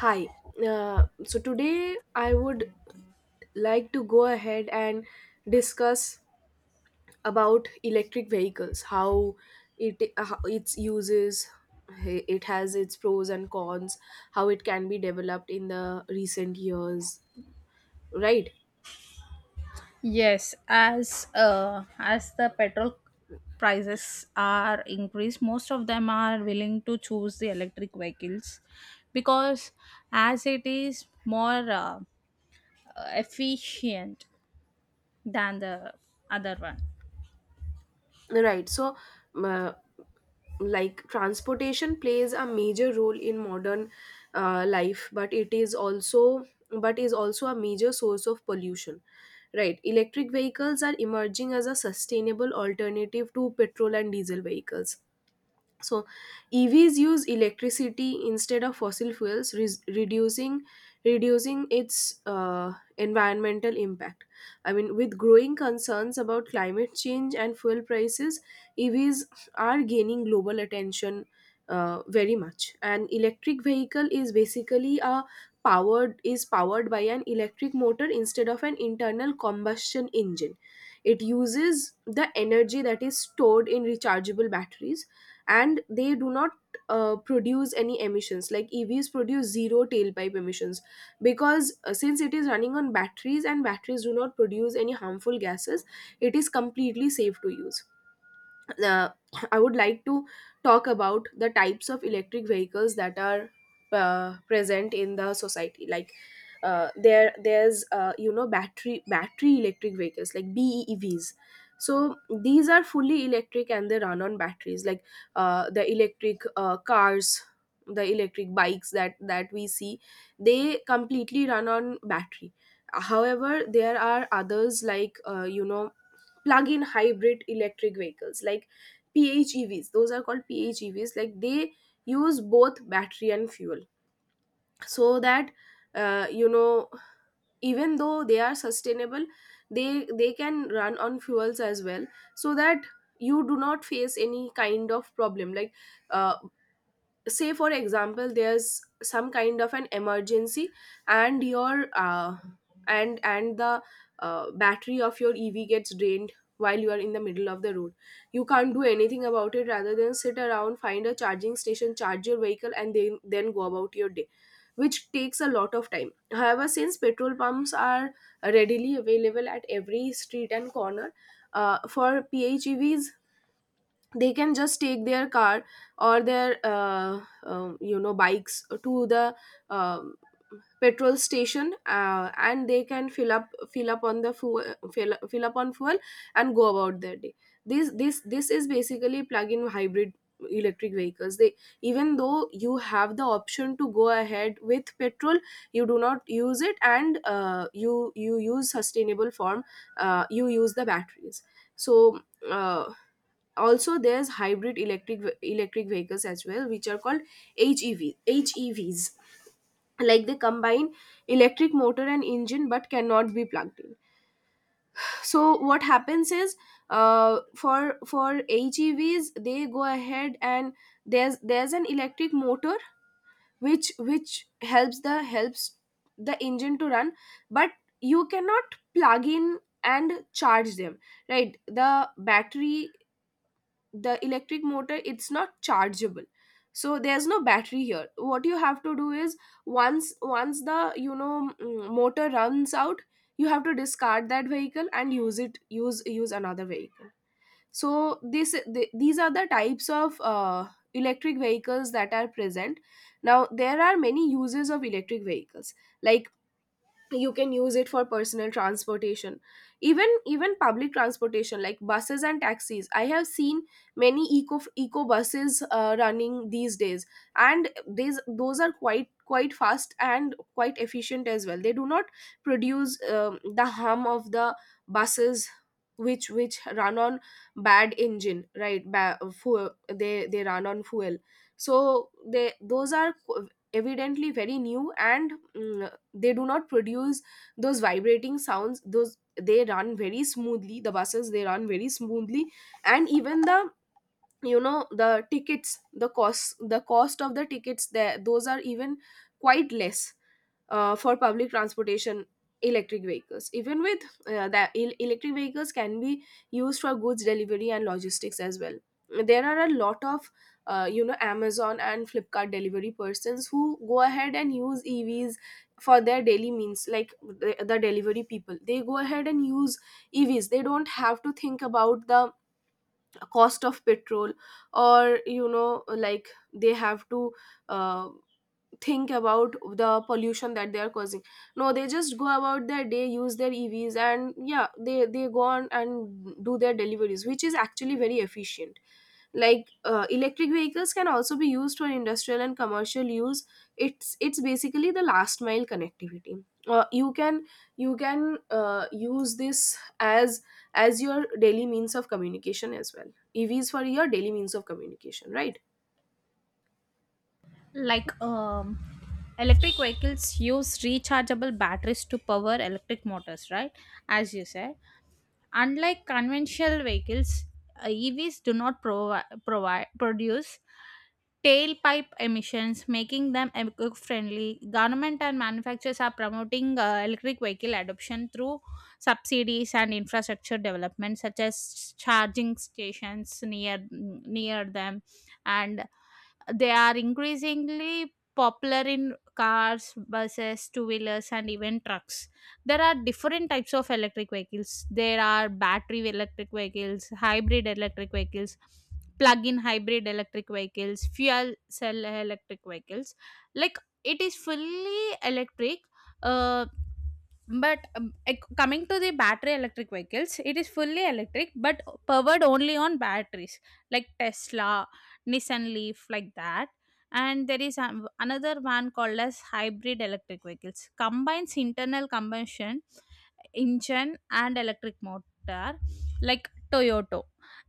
Hi. So today I would like to go ahead and discuss about electric vehicles, how it how its uses, it has its pros and cons, how it can be developed in the recent years, right? Yes, as the petrol prices are increased, most of them are willing to choose the electric vehicles because as it is more efficient than the other one. Right. Uh, like transportation plays a major role in modern life, but it is also but is also a major source of pollution, right? Electric vehicles are emerging as a sustainable alternative to petrol and diesel vehicles, so EVs use electricity instead of fossil fuels, reducing its environmental impact. I mean, with growing concerns about climate change and fuel prices, EVs are gaining global attention very much. An electric vehicle is basically a powered is powered by an electric motor instead of an internal combustion engine. It uses the energy that is stored in rechargeable batteries, and they do not produce any emissions. Like, evs produce zero tailpipe emissions because since it is running on batteries and batteries do not produce any harmful gases, it is completely safe to use. uh, I would like to talk about the types of electric vehicles that are present in the society. Like, there, there's you know, battery electric vehicles like BEVs. So these are fully electric and they run on batteries. Like, the electric cars, the electric bikes that we see, they completely run on battery. However, there are others, like, you know, plug-in hybrid electric vehicles, like PHEVs. Those are called PHEVs. Like, they use both battery and fuel, so that, you know, even though they are sustainable, they can run on fuels as well, so that you do not face any kind of problem. Like, uh, say for example, there's some kind of an emergency and your and the battery of your ev gets drained while you are in the middle of the road. You can't do anything about it rather than sit around, find a charging station, charge your vehicle, and then go about your day, which takes a lot of time. However, since petrol pumps are readily available at every street and corner, for phevs, they can just take their car or their you know, bikes to the, um, petrol station, and they can fill up on the fuel, fill up on fuel, and go about their day. This is basically plug-in hybrid electric vehicles. They, even though you have the option to go ahead with petrol, you do not use it, and you use sustainable form, you use the batteries. So, uh, also there's hybrid electric vehicles as well, which are called HEV, HEVs. Like, they combine electric motor and engine but cannot be plugged in. So what happens is, for HEVs, they go ahead, and there's an electric motor which helps the engine to run, but you cannot plug in and charge them, right? The battery, the electric motor, it's not chargeable, so there's no battery here. What you have to do is, once the, you know, motor runs out, you have to discard that vehicle and use it use use another vehicle. So these are the types of electric vehicles that are present. Now there are many uses of electric vehicles, like you can use it for personal transportation, even public transportation like buses and taxis. I have seen many eco buses running these days, and these those are quite fast and quite efficient as well. They do not produce, the hum of the buses which run on bad engine, right? Fuel, they run on fuel. So they, evidently very new, and they do not produce those vibrating sounds. Those They run very smoothly, the buses, they run very smoothly. And even the, you know, the tickets, the cost of the tickets there, those are even quite less, for public transportation. Electric vehicles, even with electric vehicles can be used for goods delivery and logistics as well. There are a lot of you know, amazon and flipkart delivery persons who go ahead and use evs for their daily means. Like the delivery people, they go ahead and use evs. They don't have to think about the cost of petrol, or, you know, like, they have to uh, think about the pollution that they are causing. No, they just go about their day, use their evs, and yeah, they go on and do their deliveries, which is actually very efficient. Like, electric vehicles can also be used for industrial and commercial use. It's basically the last mile connectivity. You can, use this as your daily means of communication as well. Evs for your daily means of communication, right? Like electric vehicles use rechargeable batteries to power electric motors, right? As you said, unlike conventional vehicles, EVs do not provi- provide produce tailpipe emissions, making them eco-friendly. Government and manufacturers are promoting electric vehicle adoption through subsidies and infrastructure development, such as charging stations near them, and they are increasingly popular in cars, buses, two-wheelers, and even trucks. There are different types of electric vehicles. There are battery electric vehicles, hybrid electric vehicles, plug-in hybrid electric vehicles, fuel cell electric vehicles. Like it is fully electric, uh, but coming to the battery electric vehicles, it is fully electric but powered only on batteries, like Tesla, Nissan Leaf, like that. And there is another one called as hybrid electric vehicles, combines internal combustion engine and electric motor, like Toyota.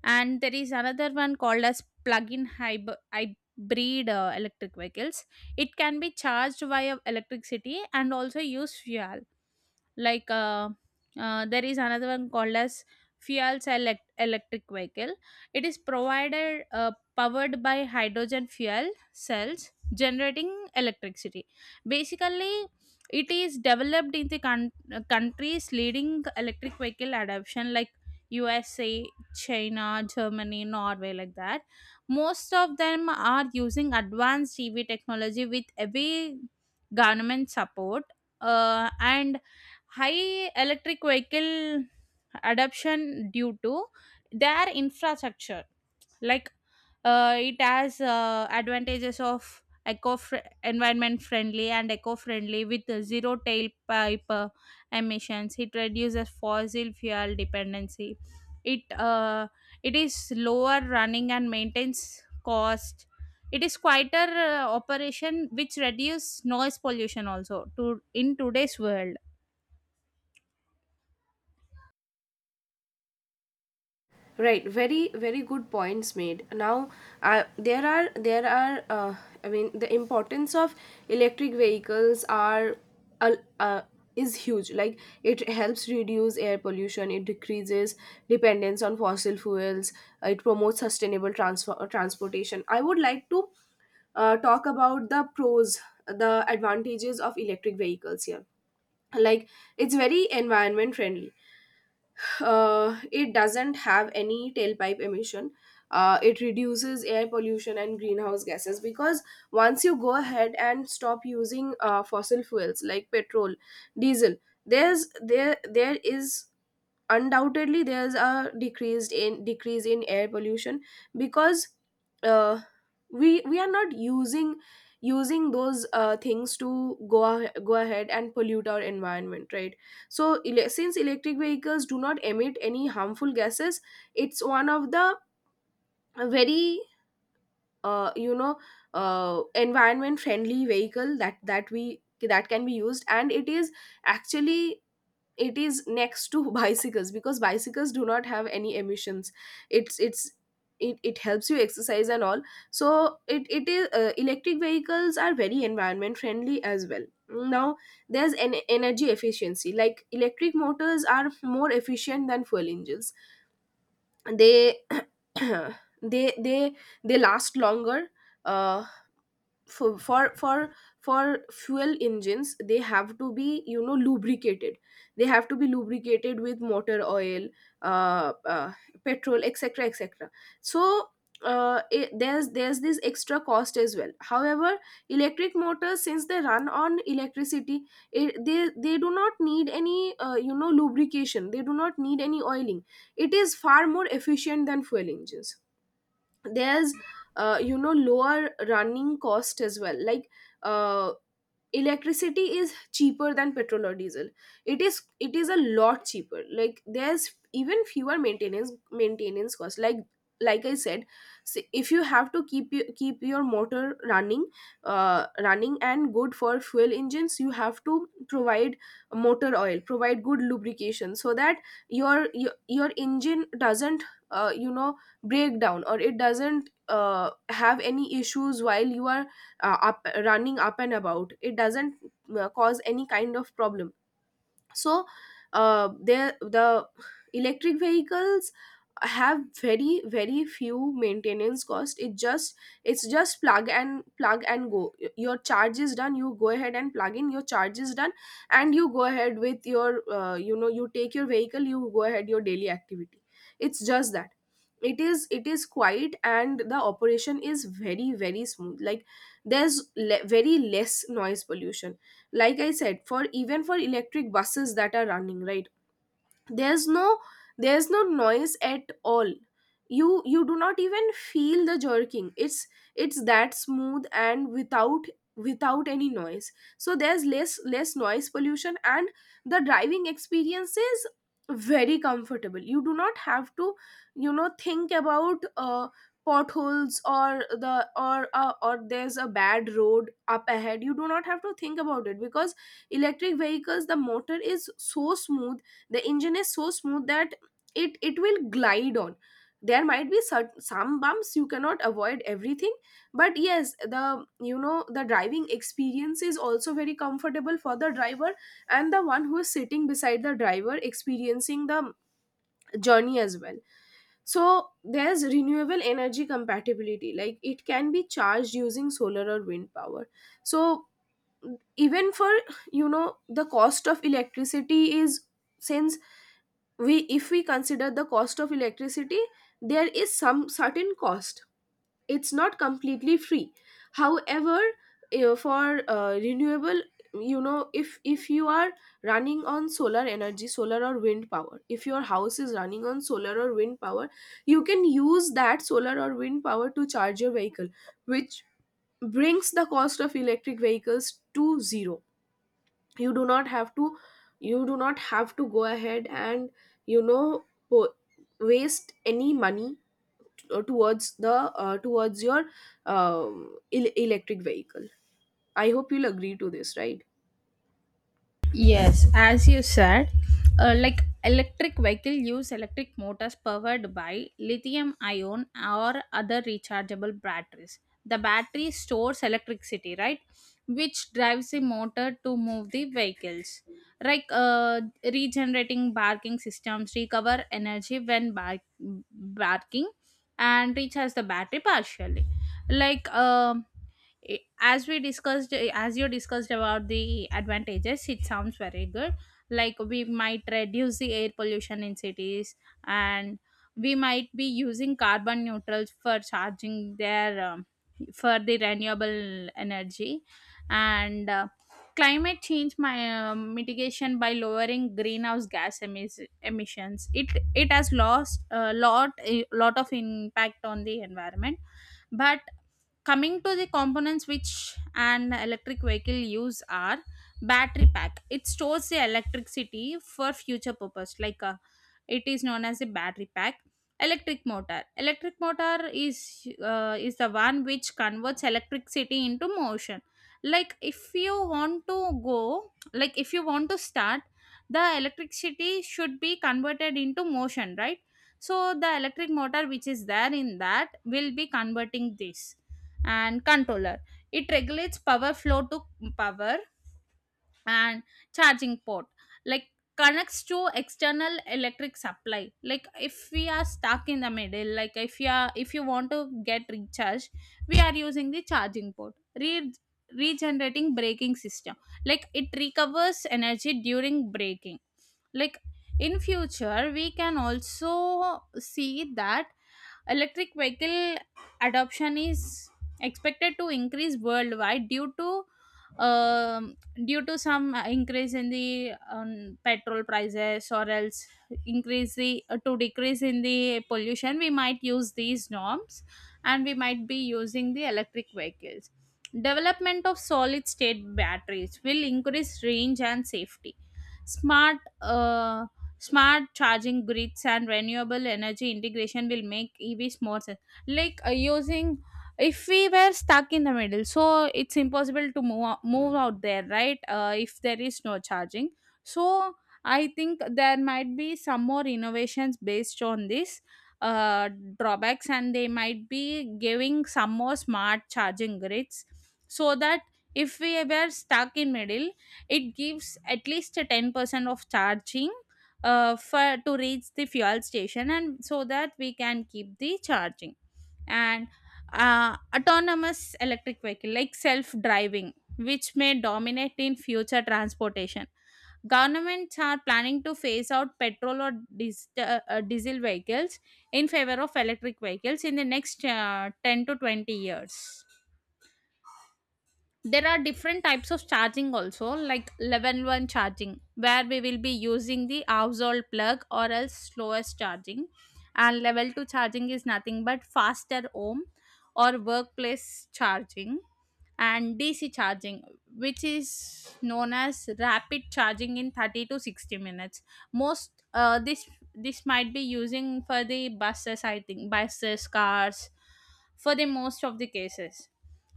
And there is another one called as plug-in hybrid electric vehicles. It can be charged via electricity and also use fuel. like uh, there is another one called as fuel cell electric vehicle. It is provided powered by hydrogen fuel cells generating electricity. Basically, it is developed in the countries leading electric vehicle adoption, like USA, China, Germany, Norway, like that. Most of them are using advanced TV technology with heavy government support, and high electric vehicle adoption due to their infrastructure. Like it has advantages of eco environment friendly and eco friendly with the zero tailpipe emissions. It reduces fossil fuel dependency. It it is lower running and maintenance cost. It is quieter operation which reduce noise pollution also to in today's world. Right, very good points made. Now, there are I mean, the importance of electric vehicles are, uh, uh, is huge. Like, it helps reduce air pollution, it decreases dependence on fossil fuels, it promotes sustainable transfer transportation. I would like to talk about the pros, the advantages of electric vehicles here. Like, it's very environment friendly, it doesn't have any tailpipe emission. It reduces air pollution and greenhouse gases because once you go ahead and stop using fossil fuels like petrol, diesel, there is undoubtedly there's a decrease in air pollution because, uh, we are not using those things to go ahead and pollute our environment, right? So, since electric vehicles do not emit any harmful gases, it's one of the very, uh, you know environment friendly vehicle that that we that can be used. And it is, actually, it is next to bicycles, because bicycles do not have any emissions. It's it's it, it helps you exercise and all. So it is electric vehicles are very environment friendly as well. Now there's an energy efficiency, like electric motors are more efficient than fuel engines. They they they they last longer. Uh, for for for for fuel engines, they have to be, you know, lubricated, they have to be lubricated with motor oil, uh, uh petrol, etc, etc. So, it, there's this extra cost as well. However, electric motors, since they run on electricity, it, they do not need any, you know, lubrication, they do not need any oiling. It is far more efficient than fuel engines. There's, you know, lower running cost as well. Like, uh, electricity is cheaper than petrol or diesel. It is a lot cheaper. Like, there's even fewer maintenance costs. Like I said, if you have to keep keep your motor running, running and good, for fuel engines you have to provide motor oil, provide good lubrication, so that your engine doesn't, you know, break down, or it doesn't have any issues while you are up running up and about. It doesn't cause any kind of problem. So, the electric vehicles have very few maintenance cost. It just, it's just plug and go. Y- your charge is done, you go ahead and plug in, your charge is done, and you go ahead with your, you know, you take your vehicle, you go ahead your daily activity. It's just that it is, it is quiet and the operation is very smooth. Like, there's, very less noise pollution. Like I said, for even for electric buses that are running, right? There's no, there's no noise at all. You do not even feel the jerking. It's that smooth and without, without any noise. So there's less noise pollution. And the driving experience is very comfortable. You do not have to, you know, think about, uh, potholes or the, or, or there's a bad road up ahead. You do not have to think about it because electric vehicles, the motor is so smooth, the engine is so smooth that it will glide on. There might be, some bumps, you cannot avoid everything, but yes, the, you know, the driving experience is also very comfortable for the driver and the one who is sitting beside the driver experiencing the journey as well. So there's renewable energy compatibility, like it can be charged using solar or wind power. So, even for, you know, the cost of electricity is, since we, if we consider the cost of electricity, there is some certain cost, it's not completely free. However, for renewable, you know, if you are running on solar energy, solar or wind power, if your house is running On solar or wind power, you can use that solar or wind power to charge your vehicle, which brings the cost of electric vehicles to zero. You do not have to you do not have to go ahead and you know po- waste any money towards the towards your electric vehicle. I hope you'll agree to this, right? Yes, as you said, like electric vehicle use electric motors powered by lithium ion or other rechargeable batteries. The battery stores electricity, right? Which drives the motor to move the vehicles. Like regenerating barking systems recover energy when barking and recharge the battery partially. Like uh, i- as we discussed, as you discussed about the advantages, it sounds very good. Like we might reduce the air pollution in cities, and we might be using carbon neutrals for charging their for the renewable energy, and climate change my mitigation by lowering greenhouse gas emissions. It it has lost a lot of impact on the environment. But coming to the components which an electric vehicle use are battery pack. It stores the electricity for future purpose. It is known as a battery pack. Electric motor, electric motor is is the one which converts electricity into motion. Like if you want to go, like if you want to start, the electricity should be converted into motion, right? So the electric motor which is there in that will be converting this, and controller. It regulates power flow to power and charging port. Like connects to external electric supply, like if we are stuck in the middle, like if you are, if you want to get recharged, we are using the charging port. Regenerating braking system, like it recovers energy during braking. Like in future we can also see that electric vehicle adoption is expected to increase worldwide due to um, due to some increase in the petrol prices, or else increase the to decrease in the pollution, we might use these norms and we might be using the electric vehicles. Development of solid state batteries will increase range and safety. Smart uh, smart charging grids and renewable energy integration will make EVs more sense. Like using if we were stuck in the middle, so it's impossible to move out there, right? If there is no charging, so I think there might be some more innovations based on this uh, drawbacks, and they might be giving some more smart charging grids so that if we were stuck in middle, it gives at least a 10% of charging for to reach the fuel station, and so that we can keep the charging. And autonomous electric vehicle like self driving, which may dominate in future transportation. Governments are planning to phase out petrol or diesel vehicles in favor of electric vehicles in the next 10 to 20 years. There are different types of charging also, like 11 one charging where we will be using the household plug or else slowest charging, and level 2 charging is nothing but faster home or workplace charging, and DC charging, which is known as rapid charging in 30 to 60 minutes. Most this might be using for the buses, I think, buses, cars, for the most of the cases.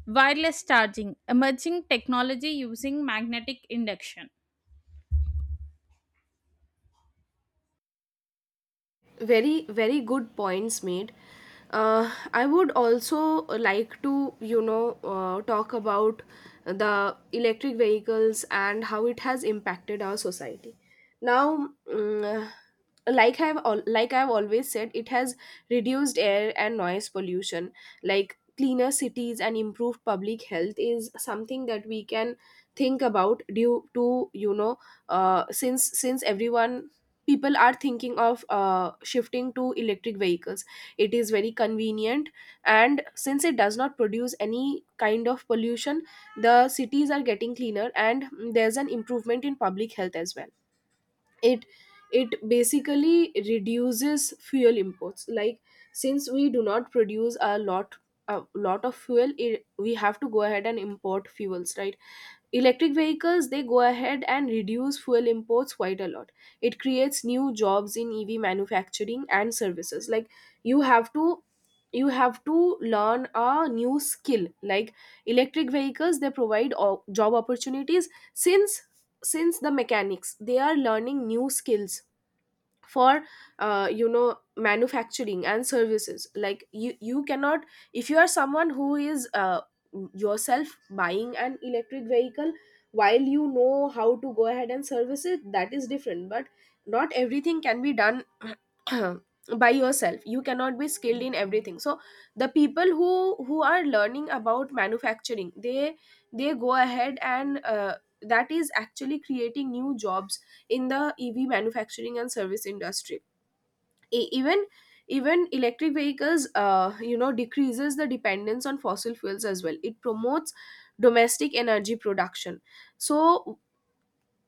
Wireless charging, emerging technology using magnetic induction. Very very good points made. I would also like to talk about the electric vehicles and how it has impacted our society now. Like I've always said, it has reduced air and noise pollution. Like, cleaner cities and improved public health is something that we can think about due to, since everyone, people are thinking of shifting to electric vehicles. It is very convenient, and since it does not produce any kind of pollution, the cities are getting cleaner and there's an improvement in public health as well. It it basically reduces fuel imports. Like, since we do not produce a lot of fuel, we have to go ahead and import fuels, right? Electric vehicles, they go ahead and reduce fuel imports quite a lot. It creates new jobs in EV manufacturing and services. Like, you have to you have to learn a new skill. Like, electric vehicles, they provide job opportunities, since the mechanics, they are learning new skills for manufacturing and services. Like, you cannot, if you are someone who is yourself buying an electric vehicle, while you know how to go ahead and service it, that is different, but not everything can be done by yourself. You cannot be skilled in everything. So the people who are learning about manufacturing, they go ahead and that is actually creating new jobs in the EV manufacturing and service industry. E- even Even electric vehicles, decreases the dependence on fossil fuels as well. It promotes domestic energy production. So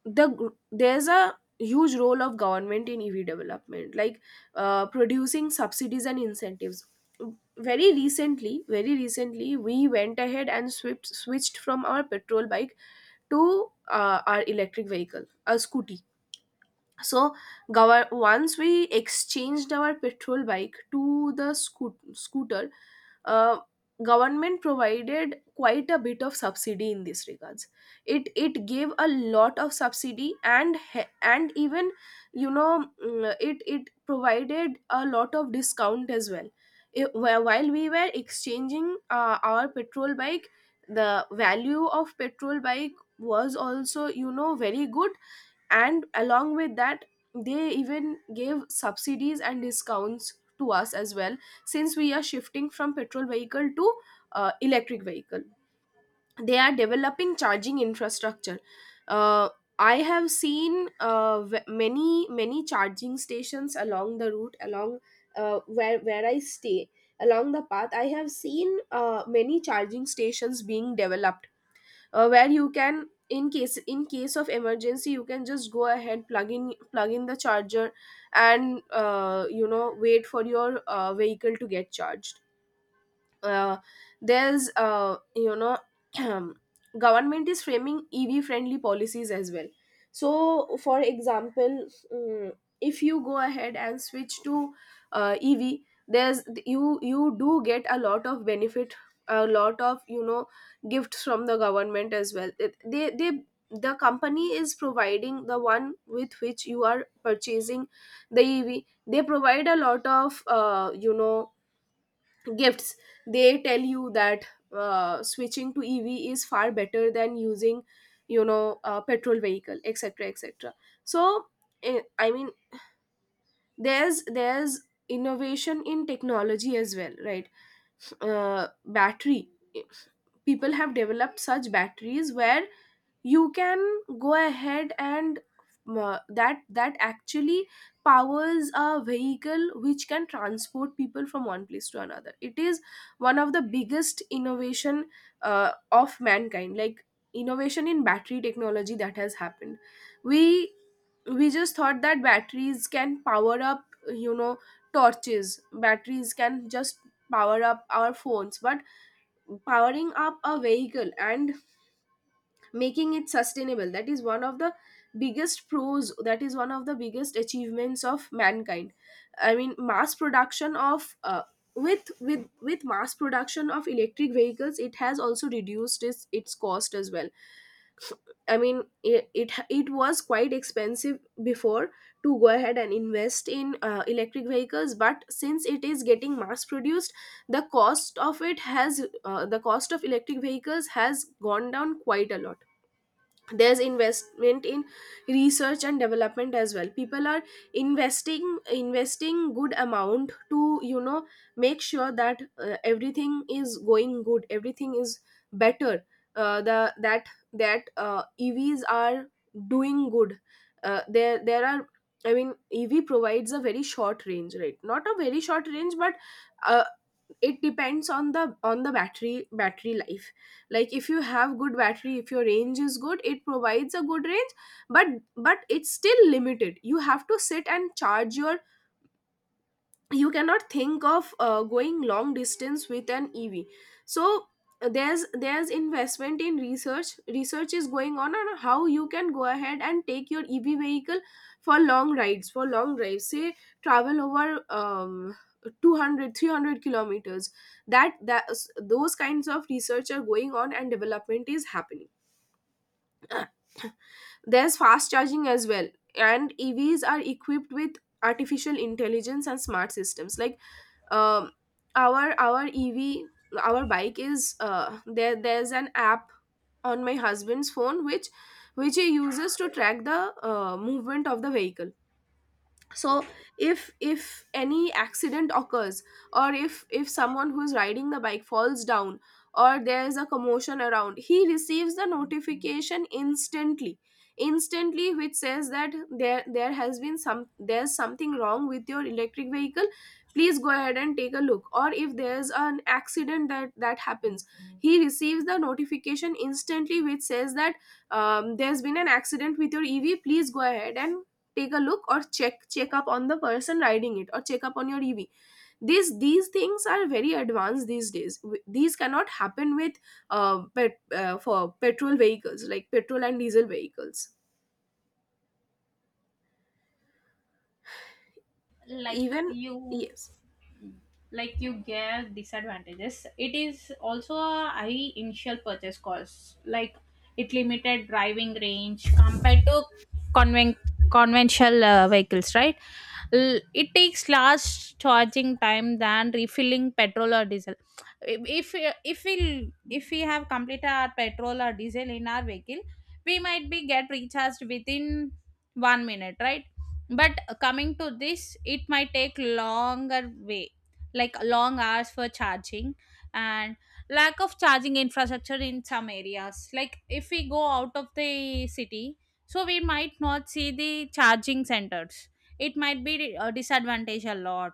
there's a huge role of government in EV development, like producing subsidies and incentives. Very recently, we went ahead and switched from our petrol bike to our electric vehicle, a scooty. So once we exchanged our petrol bike to the scooter, uh, government provided quite a bit of subsidy in this regards. It gave a lot of subsidy, and even, you know, it provided a lot of discount as well. While we were exchanging our petrol bike, the value of petrol bike was also, you know, very good, and along with that they even gave subsidies and discounts to us as well, since we are shifting from petrol vehicle to electric vehicle. They are developing charging infrastructure. uh, I have seen many many charging stations along the route, along where I stay, along the path. I have seen many charging stations being developed where you can, in case of emergency, you can just go ahead, plug in the charger and wait for your vehicle to get charged. Uh, there's you know Government is framing EV friendly policies as well. So, for example, mm, if you go ahead and switch to EV, there's, you do get a lot of benefit, a lot of, you know, gifts from the government as well. They, the company is providing, the one with which you are purchasing the EV, they provide a lot of, gifts. They tell you that switching to EV is far better than using, you know, a petrol vehicle, etc, etc. So I mean, there's innovation in technology as well, right? Battery, eh, people have developed such batteries where you can go ahead and that actually powers a vehicle which can transport people from one place to another. It is one of the biggest innovation of mankind. Like, innovation in battery technology that has happened, we we just thought that batteries can power up, you know, torches, batteries can just power up our phones, but powering up a vehicle and making it sustainable, that is one of the biggest pros, that is one of the biggest achievements of mankind. I mean, mass production of with mass production of electric vehicles, it has also reduced its cost as well. I mean, it was quite expensive before to go ahead and invest in electric vehicles, but since it is getting mass produced, the cost of electric vehicles has gone down quite a lot. There's investment in research and development as well. People are investing good amount to, you know, make sure that everything is going good, everything is better, the that that EVs are doing good. There are, I mean, EV provides a very short range, right? Not a very short range, but a, it depends on the battery life. Like, if you have good battery, if your range is good, it provides a good range, but it's still limited. You have to sit and charge your, you cannot think of going long distance with an EV. So there's investment in research. Research is going on how you can go ahead and take your EV vehicle for long rides, for long drives, say travel over 200, 300 kilometers. That those kinds of research are going on and development is happening. There's fast charging as well, and EVs are equipped with artificial intelligence and smart systems. Like, um, our EV, our bike is, there's an app on my husband's phone which, he uses to track the movement of the vehicle. So if any accident occurs, or if someone who's riding the bike falls down, or there's a commotion around, he receives the notification instantly, instantly, which says that there has been some, there's something wrong with your electric vehicle, please go ahead and take a look. Or if there's an accident that happens, he receives the notification instantly which says that there's been an accident with your EV, please go ahead and take a look, or check up on the person riding it, or check up on your EV. These things are very advanced these days. These cannot happen with for petrol vehicles, like petrol and diesel vehicles. like Even, you yes. like you gave disadvantages, it is also a high initial purchase cost. Like it limited driving range compared to conven- conventional vehicles, right? L- it takes large charging time than refilling petrol or diesel. If we have completed our petrol or diesel in our vehicle, we might be get recharged within 1 minute, right? But coming to this, it might take longer way, like long hours for charging. And lack of charging infrastructure in some areas, like if we go out of the city, so we might not see the charging centers. It might be a disadvantage a lot.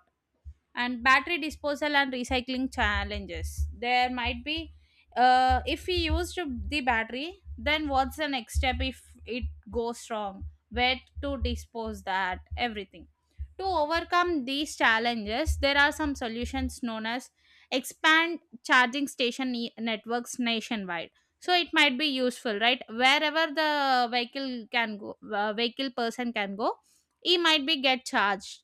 And battery disposal and recycling challenges, there might be if we used the battery, then what's the next step if it goes wrong, where to dispose that, everything. To overcome these challenges, there are some solutions known as expand charging station networks nationwide, so it might be useful, right? Wherever the vehicle can go, vehicle person can go, he might be get charged.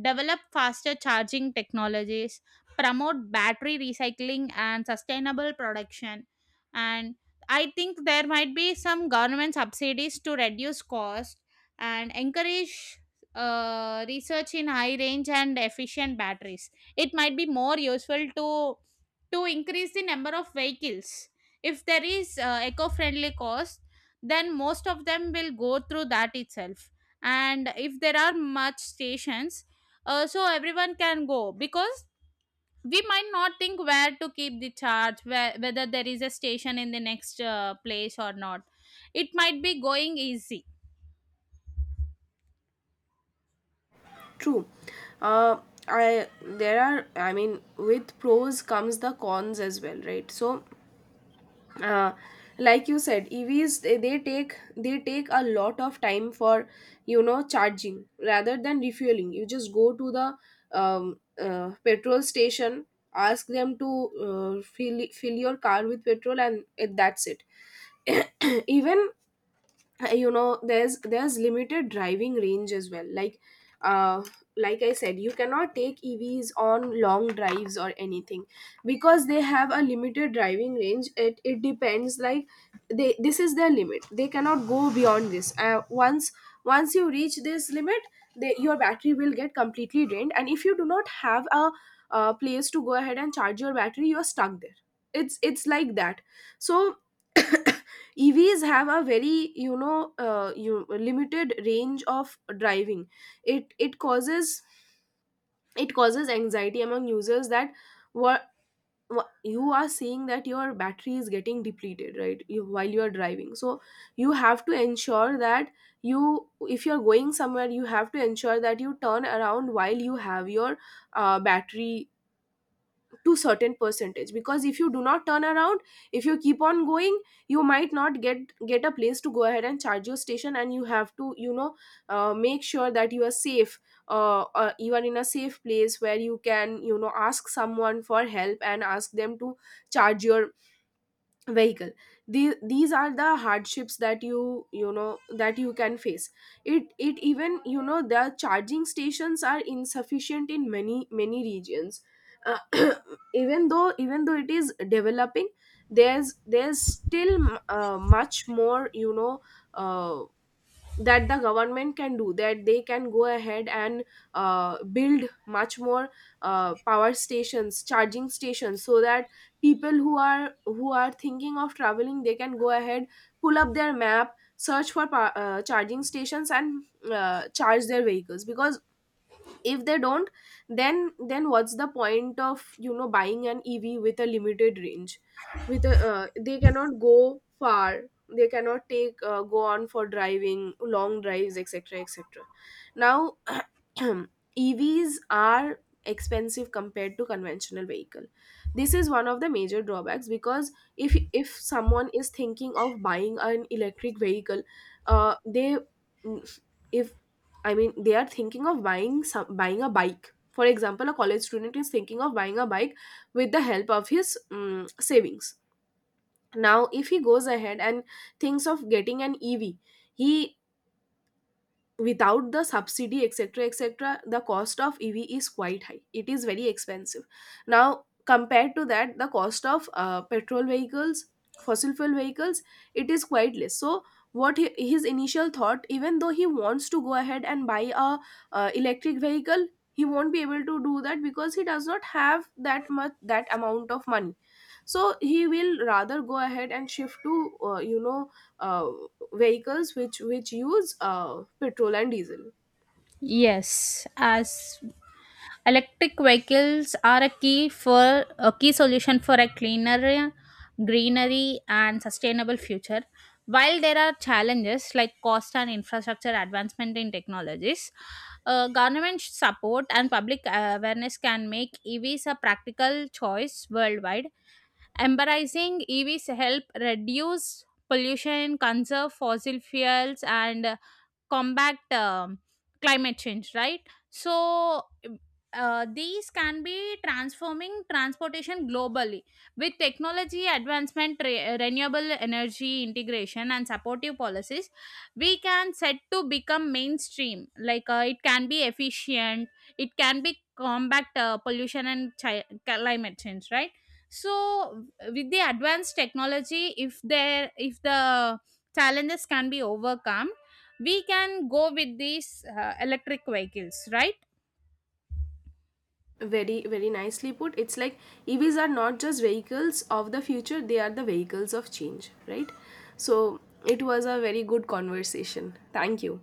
Develop faster charging technologies, promote battery recycling and sustainable production. And I think there might be some government subsidies to reduce cost and encourage research in high range and efficient batteries. It might be more useful to increase the number of vehicles. If there is eco-friendly cost, then most of them will go through that itself. And if there are much stations, so everyone can go because we might not think where to keep the charge where, whether there is a station in the next place or not, it might be going easy. True. Uh I There are, I mean, with pros comes the cons as well, right? So uh, like you said, EVs, they take a lot of time for, you know, charging rather than refueling. You just go to the petrol station, ask them to fill your car with petrol, and that's it. Even, there's limited driving range as well. Like uh like I said, you cannot take EVs on long drives or anything because they have a limited driving range. It depends, like, they, this is their limit, they cannot go beyond this. Once you reach this limit, your battery will get completely drained, and if you do not have a place to go ahead and charge your battery, you are stuck there. It's like that. So EVs have a very, you know, limited range of driving. It causes, it causes anxiety among users that what, you are seeing that your battery is getting depleted, right? While you are driving. So you have to ensure that you if you are going somewhere, you have to ensure that you turn around while you have your battery to certain percentage, because if you do not turn around, if you keep on going, you might not get a place to go ahead and charge your station, and you have to, you know, make sure that you are safe, you are in a safe place where you can, you know, ask someone for help and ask them to charge your vehicle. These are the hardships that you know, that you can face. It even, you know, the charging stations are insufficient in many regions. uh, even though it is developing, there's still much more, you know, uh, that the government can do, that they can go ahead and build much more power stations, charging stations, so that people who are thinking of traveling, they can go ahead, pull up their map, search for charging stations, and charge their vehicles, because if they don't, then what's the point of, you know, buying an EV with a limited range, with a, they cannot go far, they cannot take go on for driving long drives, etc, etc. Now, EVs are expensive compared to conventional vehicle. This is one of the major drawbacks, because if someone is thinking of buying an electric vehicle, they if I mean, they are thinking of buying a bike. For example, a college student is thinking of buying a bike with the help of his savings. Now, if he goes ahead and thinks of getting an EV, he without the subsidy, etc, etc, the cost of EV is quite high, it is very expensive. Now, compared to that, the cost of petrol vehicles, fossil fuel vehicles, it is quite less. So his initial thought, even though he wants to go ahead and buy a electric vehicle, he won't be able to do that because he does not have that much, that amount of money. So he will rather go ahead and shift to, uh, vehicles which use petrol and diesel. Yes, as electric vehicles are a key for a key solution for a cleaner, greenery, and sustainable future. While there are challenges like cost and infrastructure advancement in technologies, government support and public awareness can make EVs a practical choice worldwide. Embracing EVs help reduce pollution, conserve fossil fuels, and combat climate change. Right. So these can be transforming transportation globally with technology advancement, renewable energy integration, and supportive policies. We can set to become mainstream. Like it can be efficient. It can be combat pollution and climate change. Right, so with the advanced technology, if there, if the challenges can be overcome, we can go with these electric vehicles, right? Very very nicely put. It's like, EVs are not just vehicles of the future, they are the vehicles of change, right? So it was a very good conversation. Thank you.